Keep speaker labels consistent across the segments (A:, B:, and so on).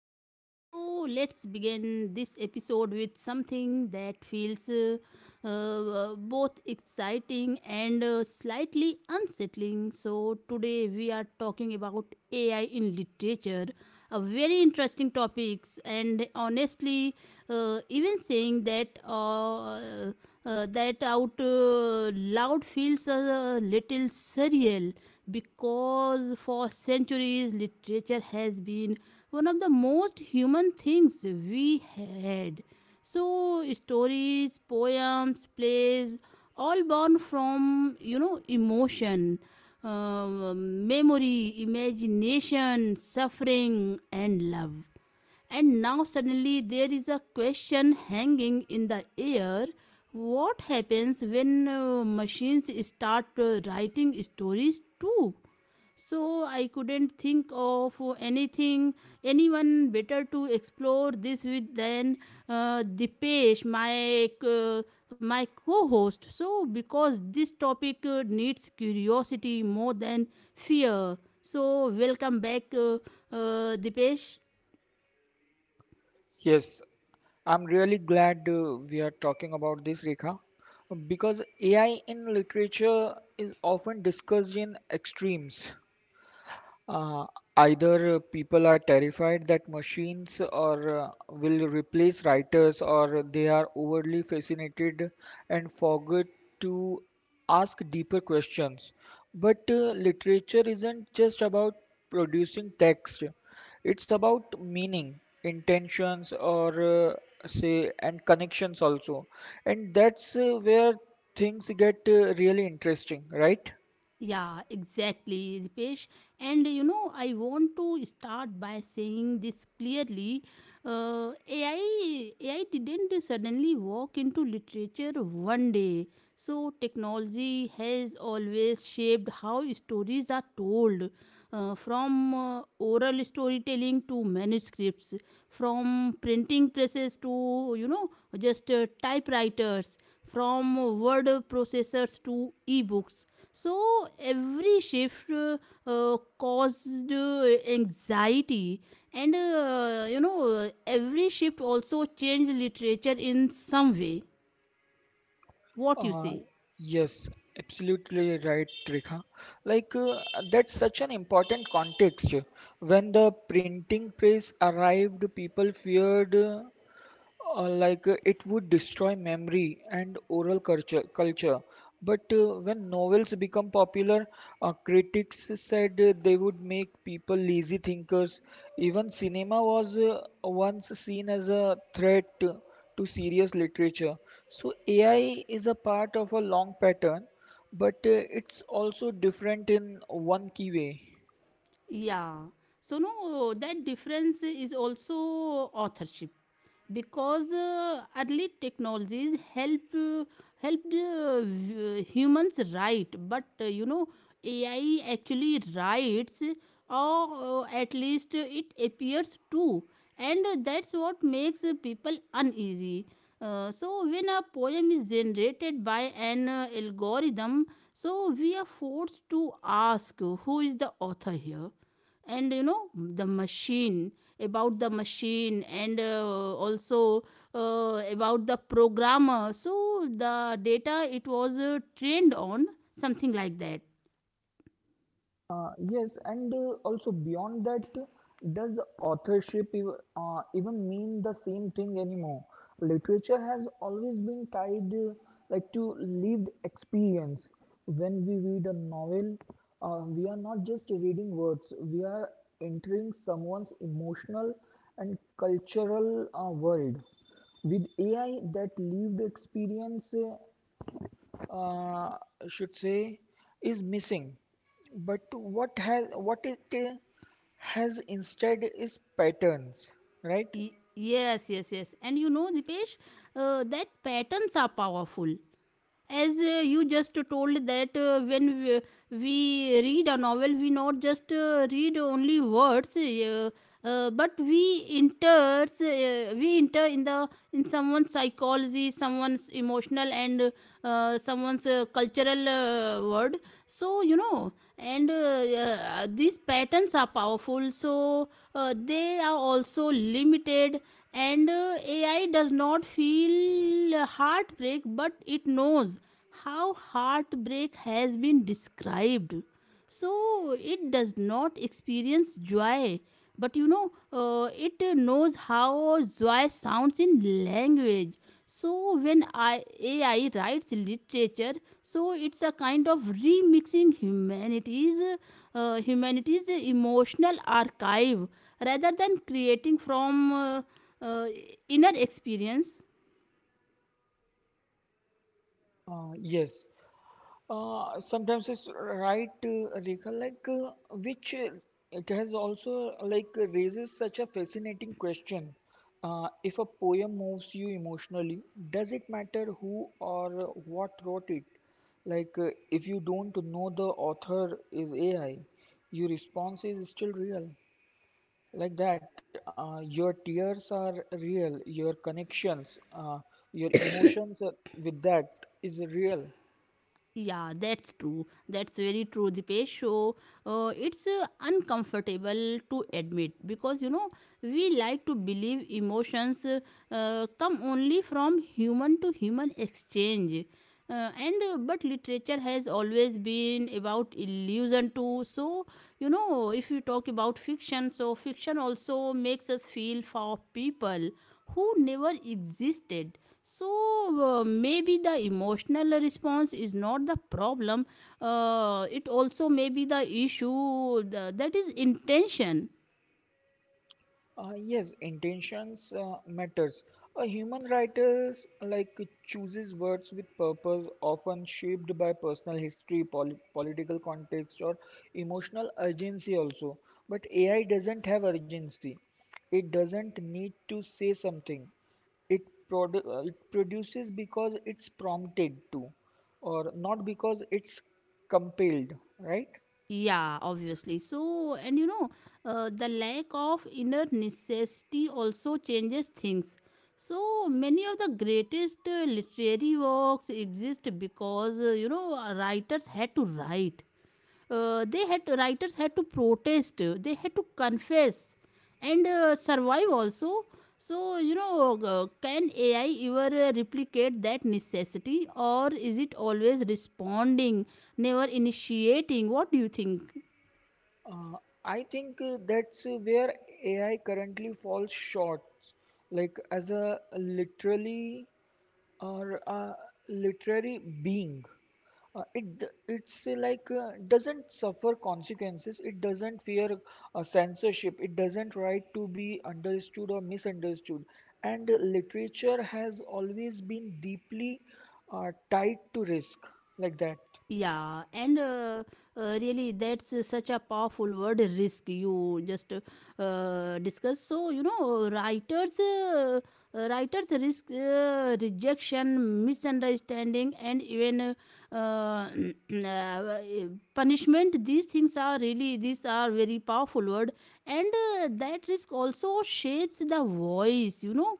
A: All right, so let's begin this episode with something that feels both exciting and slightly unsettling. So, today we are talking about AI in literature, a very interesting topics, and honestly, even saying that that out loud feels a little surreal because for centuries literature has been one of the most human things we had. So stories, poems, plays, all born from emotion, memory, imagination, suffering, and love. And now suddenly there is a question hanging in the air. What happens when machines start writing stories too? So I couldn't think of anyone better to explore this with than Dipesh, my co-host. So because this topic needs curiosity more than fear. So welcome back, Dipesh.
B: Yes, I'm really glad we are talking about this, Rekha, because AI in literature is often discussed in extremes. Uh, Either people are terrified that machines or will replace writers, or they are overly fascinated and forget to ask deeper questions. But literature isn't just about producing text. It's about meaning, intentions or say, and connections also. And that's where things get really interesting, right?
A: Yeah, exactly, Dipesh. And you know, I want to start by saying this clearly. AI didn't suddenly walk into literature one day. So, technology has always shaped how stories are told, from oral storytelling to manuscripts, from printing presses to, just typewriters, from word processors to ebooks, so every shift caused anxiety, and every shift also changed literature in some way. What you
B: Uh,
A: say?
B: yes, absolutely right, Rekha. Like, that's such an important context. When the printing press arrived, people feared, like, it would destroy memory and oral culture, but when novels become popular, critics said they would make people lazy thinkers. Even cinema was once seen as a threat to serious literature, so AI is a part of a long pattern, but it's also different in one key way.
A: Yeah. So, no, that difference is also authorship because early technologies helped humans write, but ai actually writes, or at least it appears to, and that's what makes people uneasy. So when a poem is generated by an algorithm, so we are forced to ask who is the author here, and you know the machine about the machine, and also about the programmer. So the data it was trained on, something like that.
B: Yes, and also beyond that, does authorship even mean the same thing anymore? Literature has always been tied, like, to lived experience. When we read a novel, we are not just reading words; we are entering someone's emotional and cultural world. With AI, that lived experience, uh, should say, is missing, but what it has instead is patterns, right?
A: Yes, yes. And you know, Dipesh, that patterns are powerful. As you just told, that we read a novel, we not just read only words, but we enter in the in someone's psychology, someone's emotional, and someone's cultural world. So you know, and these patterns are powerful, so they are also limited. And ai does not feel heartbreak, but it knows how heartbreak has been described. So it does not experience joy, but it knows how joy sounds in language. So when ai writes literature, so it's a kind of humanity's emotional archive rather than creating from uh, inner experience.
B: Yes. Sometimes it's right, Rekha, like, which it has also like raises such a fascinating question. If a poem moves you emotionally, does it matter who or what wrote it? Like, if you don't know the author is AI, your response is still real. Like that, your tears are real, your connections, your emotions with that is real.
A: Yeah, that's true, that's very true, Dipesh. So it's uncomfortable to admit because you know we like to believe emotions come only from human to human exchange. And But literature has always been about illusion too. So you know, if you talk about fiction, so fiction also makes us feel for people who never existed. So maybe the emotional response is not the problem. It also may be the issue, that is intention.
B: Yes, intentions matters. A human writer, like, chooses words with purpose, often shaped by personal history, political context, or emotional urgency also. But AI doesn't have urgency. It doesn't need to say something. It, it produces because it's prompted to, or not because it's compelled, right?
A: Yeah, obviously. So, and you know, the lack of inner necessity also changes things. So, many of the greatest literary works exist because, writers had to write. They had writers had to protest. They had to confess and survive also. So, you know, can AI ever replicate that necessity, or is it always responding, never initiating? What do you think?
B: Uh, I think that's where AI currently falls short, like as a literally or a literary being. It's doesn't suffer consequences. It doesn't fear censorship. It doesn't right to be understood or misunderstood. And literature has always been deeply tied to risk, like that.
A: Yeah, and really, that's such a powerful word, risk. You just discuss. So you know, writers risk rejection, misunderstanding, and even uh, uh, punishment. These things are really, these are very powerful word, and that risk also shapes the voice. You know,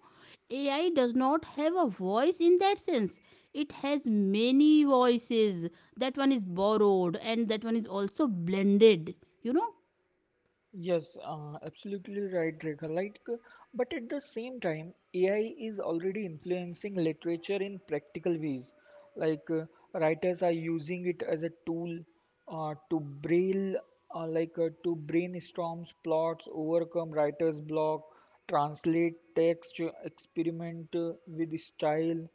A: AI does not have a voice in that sense. It has many voices. That one is borrowed, and that one is also blended, you know.
B: Yes, absolutely right, Rekha. Like, but at the same time, AI is already influencing literature in practical ways. Like, writers are using it as a tool to braille, like to brainstorm plots, overcome writer's block, translate text, experiment with style.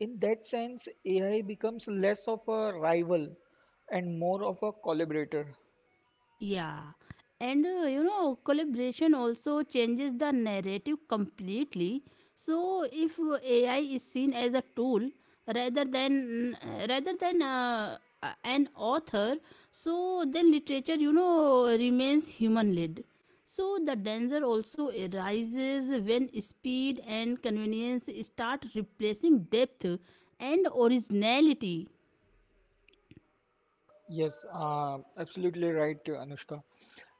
B: In that sense, AI becomes less of a rival and more of a collaborator.
A: Yeah, and collaboration also changes the narrative completely. So if AI is seen as a tool rather than an author, so then literature, you know, remains human-led. So the danger also arises when speed and convenience start replacing depth and originality.
B: Yes, absolutely right, Anushka.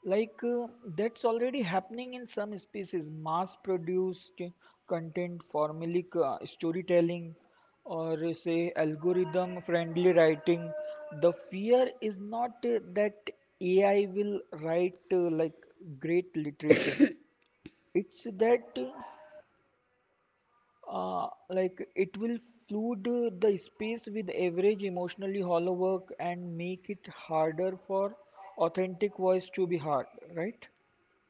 B: Like, that's already happening in some species, mass-produced content, formulaic storytelling, or say algorithm-friendly writing. The fear is not that AI will write like great literature. It's that like it will flood the space with average emotionally hollow work and make it harder for authentic voice to be heard, right?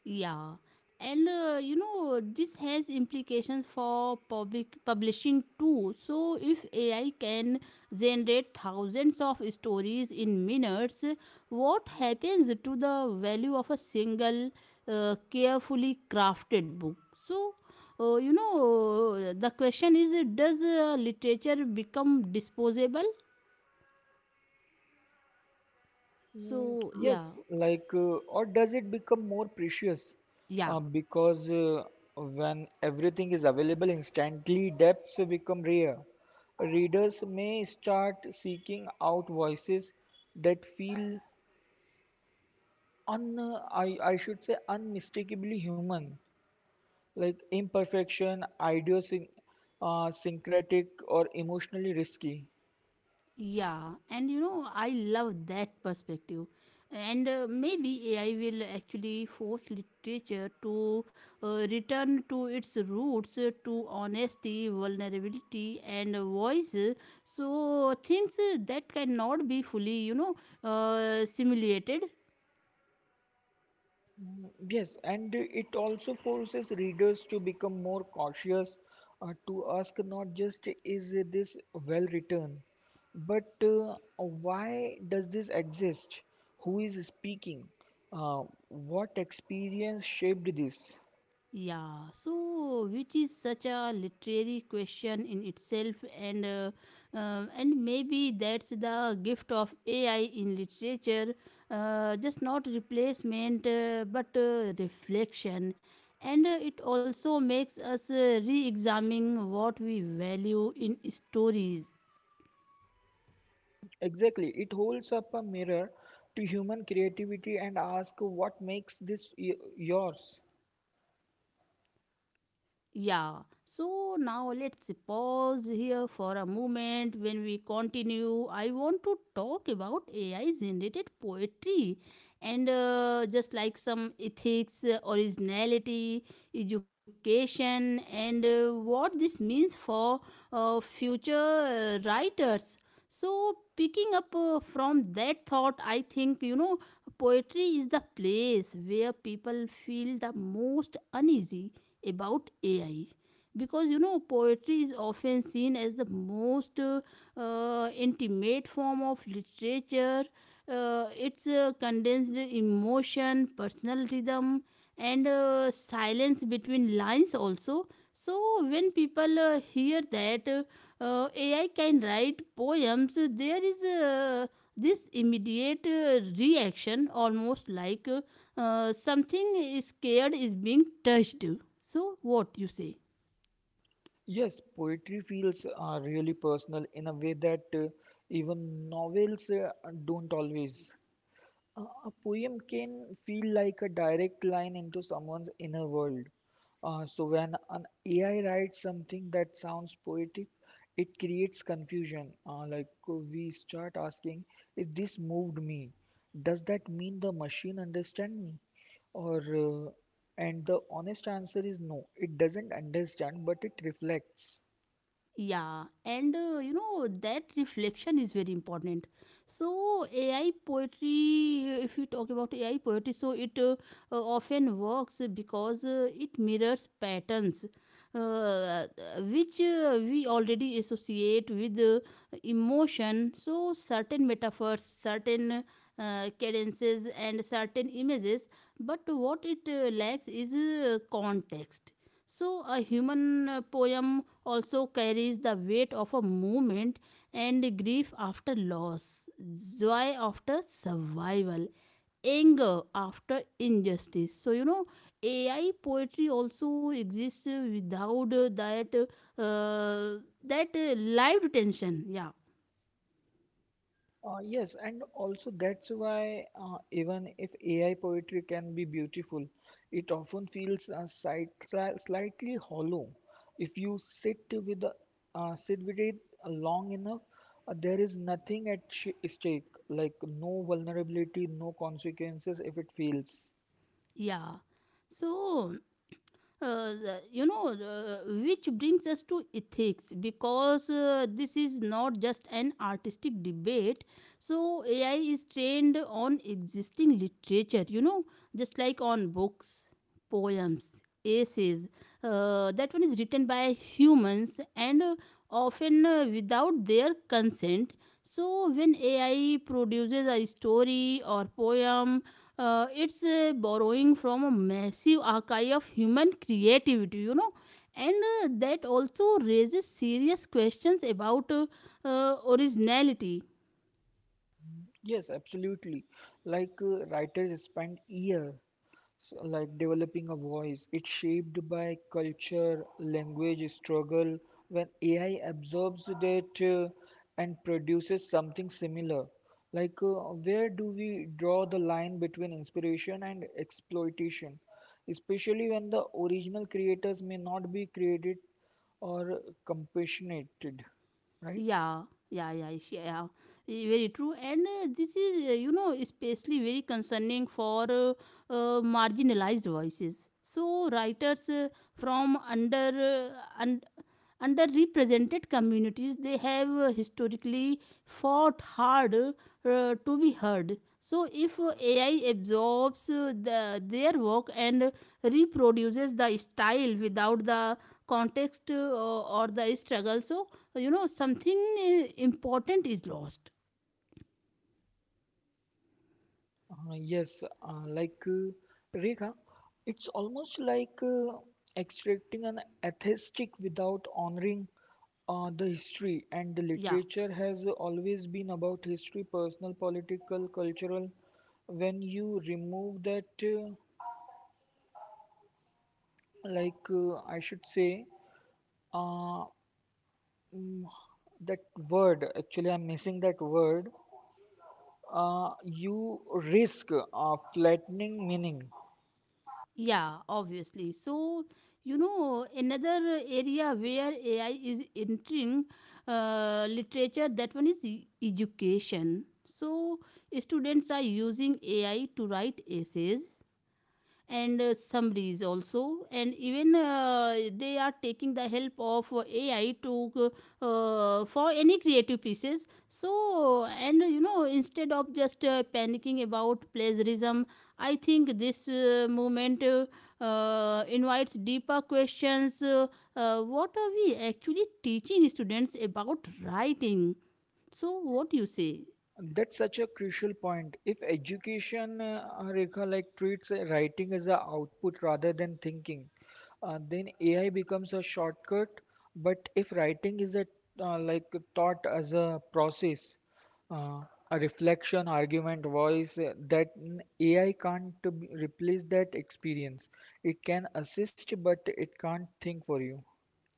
A: Yeah, and this has implications for public publishing too. So if AI can generate thousands of stories in minutes, what happens to the value of a single carefully crafted book? So the question is, does literature become disposable?
B: Mm,
A: So
B: yes.
A: yeah,
B: Like, or does it become more precious,
A: yeah.
B: because when everything is available instantly, depths become rare. Readers may start seeking out voices that feel, un I should say, unmistakably human, like imperfection, syncretic or emotionally risky.
A: Yeah, and you know, I love that perspective. And maybe AI will actually force literature to return to its roots, to honesty, vulnerability, and voice. So, things that cannot be fully, simulated.
B: Yes, and it also forces readers to become more cautious, to ask not just, is this well written, but why does this exist? Who is speaking? What experience shaped this?
A: Yeah, so which is such a literary question in itself, and uh, and maybe that's the gift of AI in literature, just not replacement but reflection, and it also makes us re-examining what we value in stories.
B: Exactly, it holds up a mirror to human creativity and asks what makes this yours.
A: Yeah. So now let's pause here for a moment. When we continue, I want to talk about AI generated poetry and just like some ethics, originality, education, and what this means for future writers. So, picking up from that thought, I think you know poetry is the place where people feel the most uneasy about AI because you know poetry is often seen as the most intimate form of literature. It's condensed emotion, personal rhythm, and silence between lines also. So when people hear that AI can write poems, there is a this immediate reaction, almost like something scared, is being touched. So, what you say?
B: Yes, poetry feels really personal in a way that even novels don't always. A poem can feel like a direct line into someone's inner world. So when an AI writes something that sounds poetic, it creates confusion. Like, we start asking, if this moved me, does that mean the machine understand me? Or and the honest answer is no, it doesn't understand, but it reflects.
A: Yeah, and you know that reflection is very important. So AI poetry, if you talk about AI poetry, so it often works because it mirrors patterns uh, which we already associate with emotion. So certain metaphors, certain cadences, and certain images. But what it lacks is context. So, a human poem also carries the weight of a movement and grief after loss, joy after survival, anger after injustice. So, you know, AI poetry also exists without that that live tension. Yeah,
B: Yes, and also that's why even if AI poetry can be beautiful, it often feels slight, slightly hollow. If you sit with the, sit with it long enough, there is nothing at stake, like no vulnerability, no consequences if it fails.
A: yeah. So. uh, the- you know, uh, which brings us to ethics because this is not just an artistic debate. So, AI is trained on existing literature, you know, just like on books, poems, essays. That one is written by humans and often without their consent. So, when AI produces a story or poem, it's borrowing from a massive archive of human creativity, you know, and that also raises serious questions about originality.
B: Yes, absolutely. Like, writers spend years. So, like developing a voice, it's shaped by culture, language, struggle. When AI absorbs that and produces something similar, like, where do we draw the line between inspiration and exploitation, especially when the original creators may not be created or compassionated, right?
A: Yeah, yeah, yeah. Very true, and this is, especially very concerning for marginalized voices. So, writers from underrepresented communities, they have historically fought hard to be heard. So if ai absorbs their work and reproduces the style without the context or the struggle, so you know something important is lost.
B: Yes, uh, like uh, Rekha, it's almost like extracting an atheistic without honoring the history. And the
A: Yeah.
B: literature has always been about history, personal, political, cultural. When you remove that, like, I should say, uh, mm, that word, actually, I'm missing that word, you risk flattening meaning.
A: Yeah, obviously. So, you know, another area where AI is entering literature, that one is education. So, students are using AI to write essays, and summaries also, and even they are taking the help of ai to for any creative pieces. So, and you know, instead of just panicking about plagiarism, I think this movement invites deeper questions. What are we actually teaching students about writing? So what do you say?
B: That's such a crucial point. If education, Rekha, like treats writing as a output rather than thinking, then AI becomes a shortcut. But if writing is a, like, thought as a process, uh, a reflection, argument, voice, AI can't replace that experience. It can assist, but it can't think for you.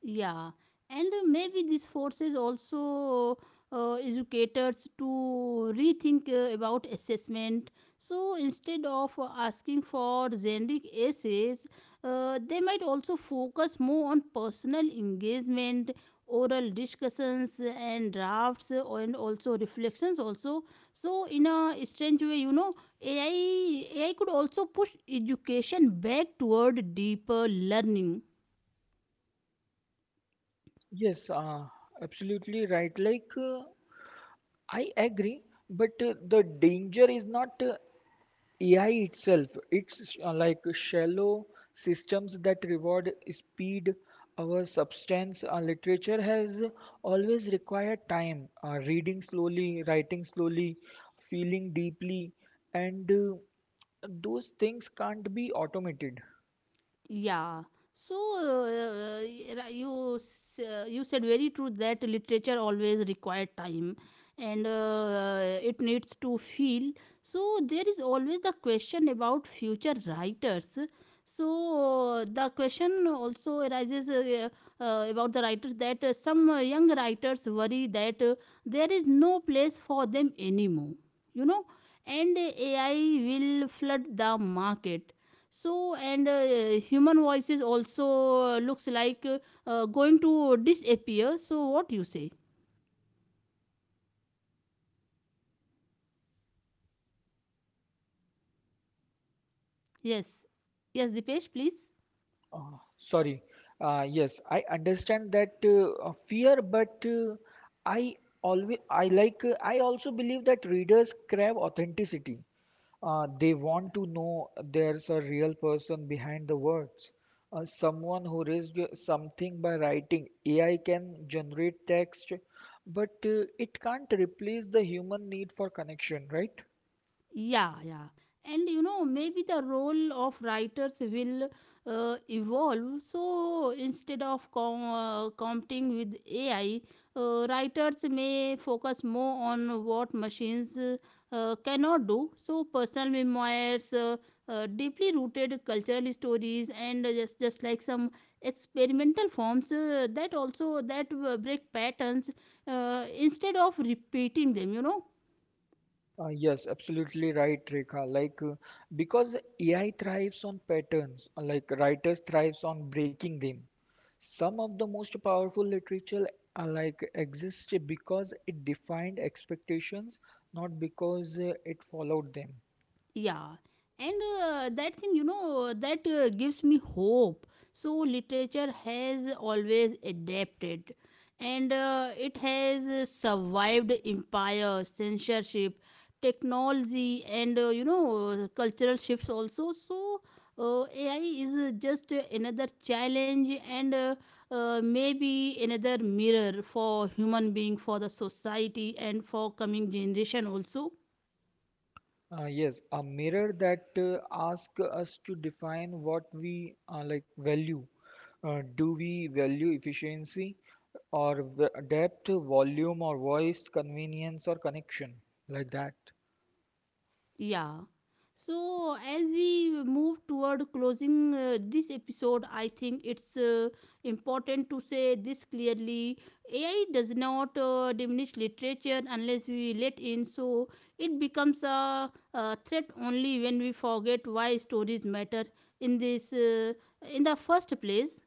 A: Yeah, and maybe this forces also educators to rethink about assessment. So instead of asking for generic essays, they might also focus more on personal engagement, oral discussions, and drafts, and also reflections. Also, so in a strange way, you know, AI could also push education back toward deeper learning.
B: Yes, absolutely right. Like. I agree, but the danger is not AI itself. It's like shallow systems that reward speed. Our substance, literature has always required time, reading slowly, writing slowly, feeling deeply, and those things can't be automated.
A: Yeah. So you said very true that literature always require time and it needs to feel. So there is always the question about future writers. So the question also arises about the writers, that some young writers worry that there is no place for them anymore. You know, and AI will flood the market, so and human voices also looks like going to disappear. So what you say? Yes, yes, Dipesh, please.
B: Sorry. Yes, I understand that fear, but I always I like I also believe that readers crave authenticity. They want to know there's a real person behind the words. Someone who risked something by writing. AI can generate text, but it can't replace the human need for connection, right?
A: Yeah, yeah. And you know, maybe the role of writers will evolve. So instead of competing with AI, writers may focus more on what machines cannot do. So personal memoirs, deeply rooted cultural stories, and just like some experimental forms that break patterns instead of repeating them.
B: Yes, absolutely right, Rekha. Like, because AI thrives on patterns, like writers thrives on breaking them. Some of the most powerful literature, like, exists because it defined expectations, not because it followed them.
A: Yeah. And that thing, that gives me hope. So literature has always adapted, and it has survived empire, censorship, technology, and cultural shifts also. So AI is just another challenge, and maybe another mirror for human being, for the society, and for coming generation also.
B: Yes, a mirror that asks us to define what we like value. Do we value efficiency or depth, volume or voice, convenience or connection, like that?
A: Yeah. So, as we move toward closing this episode, I think it's important to say this clearly. AI does not diminish literature unless we let in, so it becomes a threat only when we forget why stories matter in this in the first place.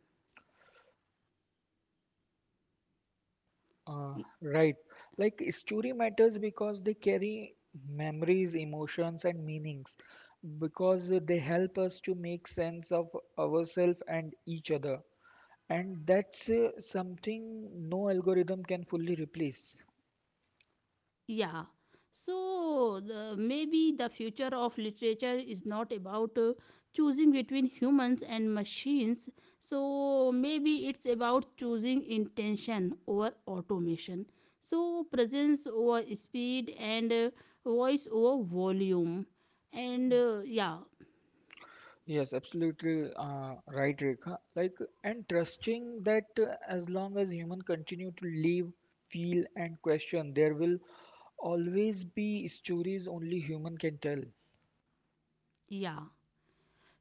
B: Uh, right. Like story matters because they carry memories, emotions, and meanings, because they help us to make sense of ourselves and each other. And that's something no algorithm can fully replace.
A: Yeah. So maybe the future of literature is not about choosing between humans and machines. So maybe it's about choosing intention over automation. So presence over speed, and voice over volume. And uh, yeah,
B: Yes, absolutely right, Rekha. Like, and trusting that as long as human continue to live, feel, and question, there will always be stories only human can tell.
A: yeah.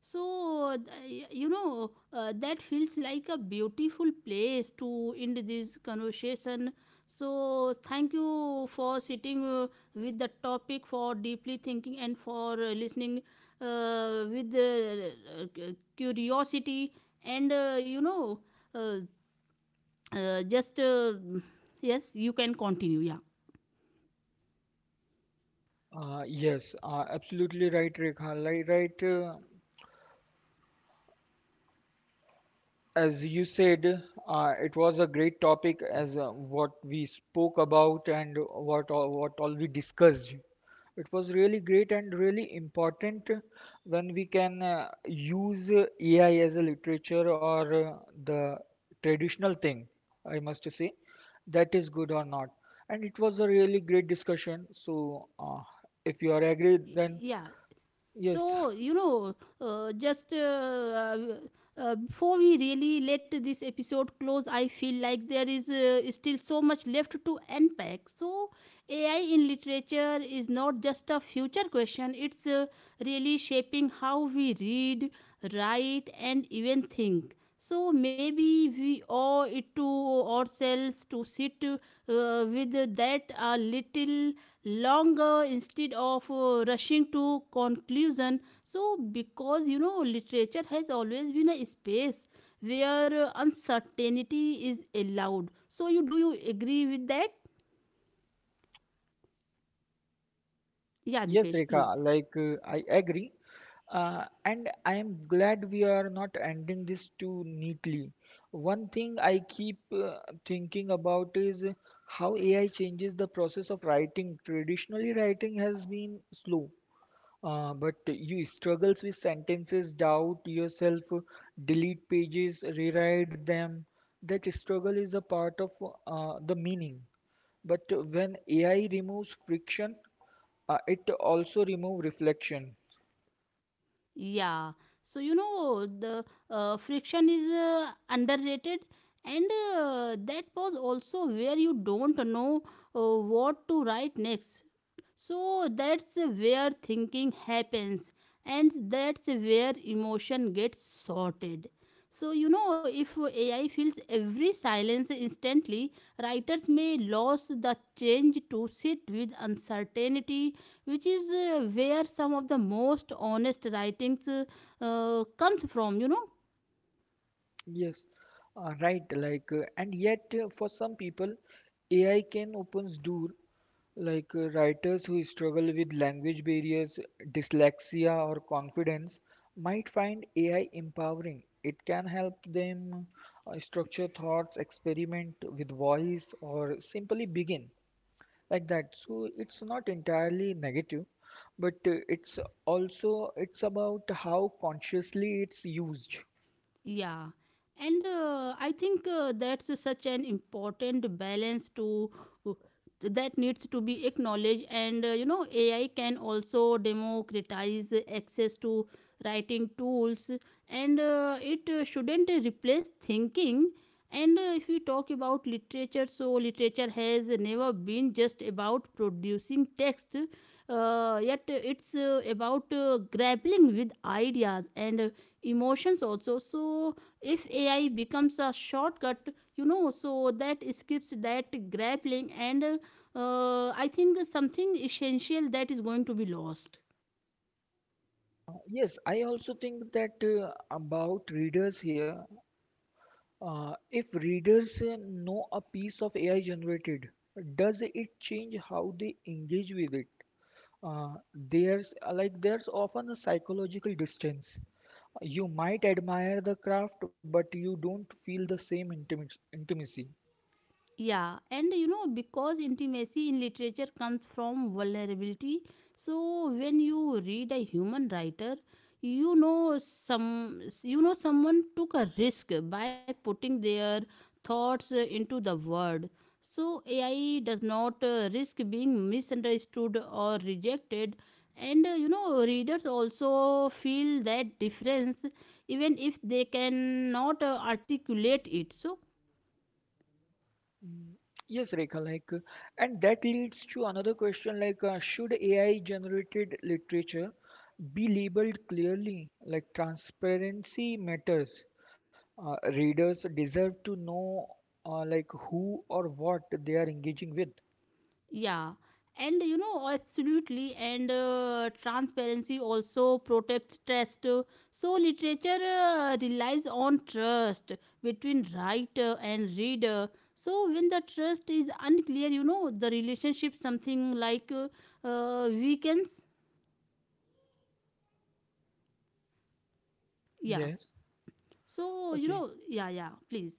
A: So, that feels like a beautiful place to end this conversation. So, thank you for sitting with the topic, for deeply thinking, and for listening with curiosity. And, you know, uh, just yes, you can continue. Yeah.
B: Yes, absolutely right, Rekha. Right, as you said, it was a great topic as what we spoke about and what all we discussed. It was really great and really important when we can use AI as a literature or the traditional thing, I must say, that is good or not. And it was a really great discussion. So, if you are agreed, then
A: Yeah.
B: yes.
A: So, you know, just before we really let this episode close, I feel like there is still so much left to unpack. So, AI in literature is not just a future question, it's really shaping how we read, write, and even think. So maybe we owe it to ourselves to sit with that a little longer instead of rushing to conclusion. So, because you know literature has always been a space where uncertainty is allowed. So you do you agree with that? Yeah,
B: Yes,
A: Dipesh, please.
B: Rekha, like, I agree. And I am glad we are not ending this too neatly. One thing I keep thinking about is how AI changes the process of writing. Traditionally, writing has been slow, but you struggles with sentences, doubt yourself, delete pages, rewrite them. That struggle is a part of the meaning. But when AI removes friction, it also remove reflection.
A: Yeah. So you know the friction is underrated, and that was also where you don't know what to write next. So that's where thinking happens, and that's where emotion gets sorted. So you know if AI fills every silence instantly, writers may lose the change to sit with uncertainty, which is where some of the most honest writings comes from, you know.
B: Yes. Right. Like, and yet for some people AI can opens door, like, writers who struggle with language barriers, dyslexia, or confidence might find AI empowering. It can help them structure thoughts, experiment with voice, or simply begin, like that. So it's not entirely negative, but it's about how consciously it's used.
A: Yeah, and I think that's such an important balance to uh, that needs to be acknowledged. And you know, AI can also democratize access to writing tools, and it shouldn't replace thinking. And if we talk about literature, so literature has never been just about producing text, yet it's about grappling with ideas and emotions also. So if AI becomes a shortcut, you know, so that skips that grappling, and I think something essential that is going to be lost.
B: Yes, I also think that about readers here. Uh, if readers know a piece of AI generated, does it change how they engage with it? Uh, there's often a psychological distance. You might admire the craft, but you don't feel the same intimacy.
A: Yeah, and you know, because intimacy in literature comes from vulnerability, so when you read a human writer, you know someone took a risk by putting their thoughts into the word. So AI does not risk being misunderstood or rejected, and you know readers also feel that difference even if they cannot articulate it. So
B: Mm, yes, Rekha, like, and that leads to another question like, should AI generated literature be labeled clearly? Like, transparency matters. Readers deserve to know, like, who or what they are engaging with.
A: yeah, and you know, absolutely, and transparency also protects trust. So, literature relies on trust between writer and reader. So, when the trust is unclear, you know, the relationship something like weakens. Yeah,
B: Yes.
A: so you
B: Okay.
A: know, yeah, yeah, please.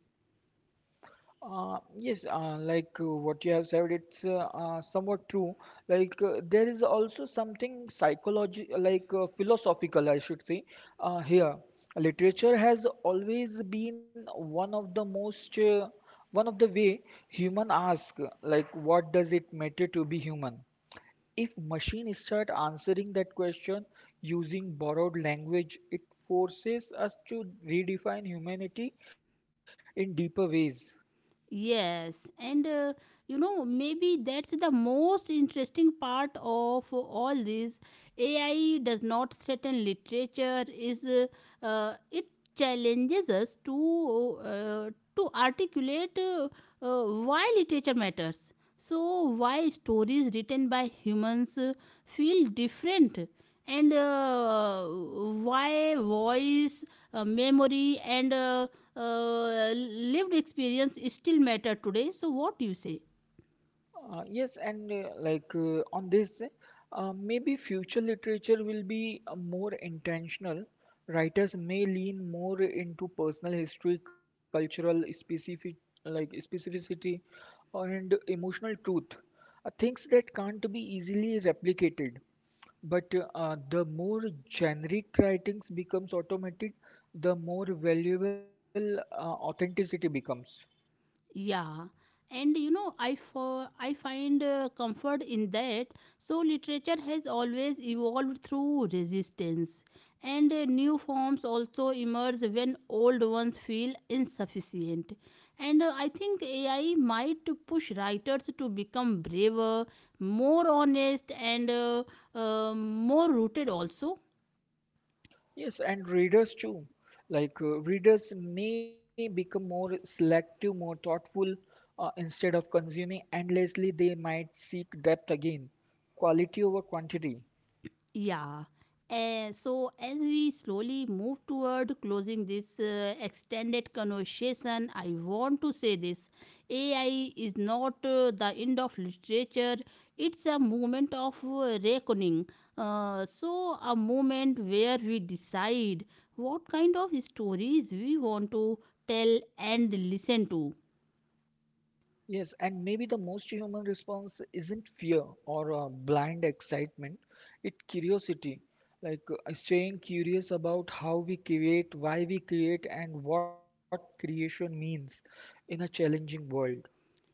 B: Yes, what you have said, it's somewhat true. Like, there is also something psychology, like, philosophical, I should say, here. Literature has always been one of the way human ask, like, what does it matter to be human? If machine start answering that question using borrowed language, it forces us to redefine humanity in deeper ways.
A: Yes, and maybe that's the most interesting part of all this. AI does not threaten literature, is it challenges us to articulate why literature matters. So, why stories written by humans feel different, and why voice, memory, and lived experience still matter today. So what you say?
B: Yes, and on this, maybe future literature will be more intentional. Writers may lean more into personal history, cultural specific like specificity, and emotional truth, things that can't be easily replicated. But the more generic writings becomes automated, the more valuable authenticity becomes.
A: Yeah, and you know I find comfort in that. So literature has always evolved through resistance, and new forms also emerge when old ones feel insufficient, and I think AI might push writers to become braver, more honest, and more rooted also.
B: Yes, and readers too. Like, readers may become more selective, more thoughtful. Instead of consuming endlessly, they might seek depth again, quality over quantity.
A: Yeah. So, as we slowly move toward closing this extended conversation, I want to say this: AI is not the end of literature, it's a moment of reckoning. So, a moment where we decide what kind of stories we want to tell and listen to.
B: Yes, and maybe the most human response isn't fear or blind excitement, it's curiosity. Like, staying curious about how we create, why we create, and what creation means in a challenging world.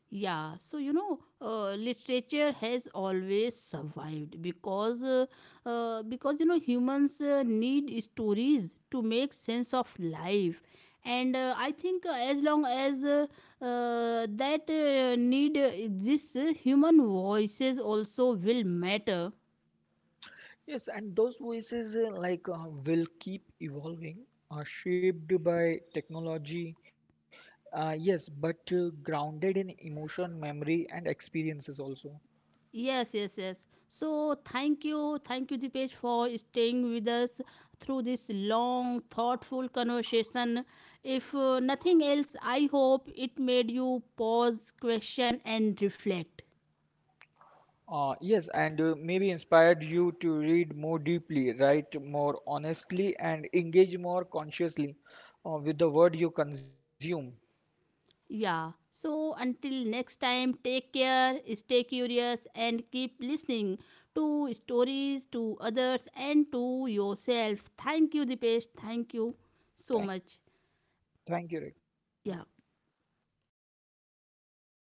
A: Yeah, so you know, literature has always survived because you know humans need stories to make sense of life, and I think as long as that need exists, human voices also will matter.
B: Yes, and those voices will keep evolving, shaped by technology. Yes, but grounded in emotion, memory, and experiences also.
A: Yes, yes, yes. So thank you, Dipesh, for staying with us through this long, thoughtful conversation. If nothing else, I hope it made you pause, question, and reflect.
B: Yes, and maybe inspired you to read more deeply, write more honestly, and engage more consciously with the word you consume.
A: Yeah. So until next time, take care, stay curious, and keep listening to stories, to others, and to yourself. Thank you, Dipesh. Thank you so
B: Thank,
A: much.
B: Thank you, Rekha.
A: Yeah.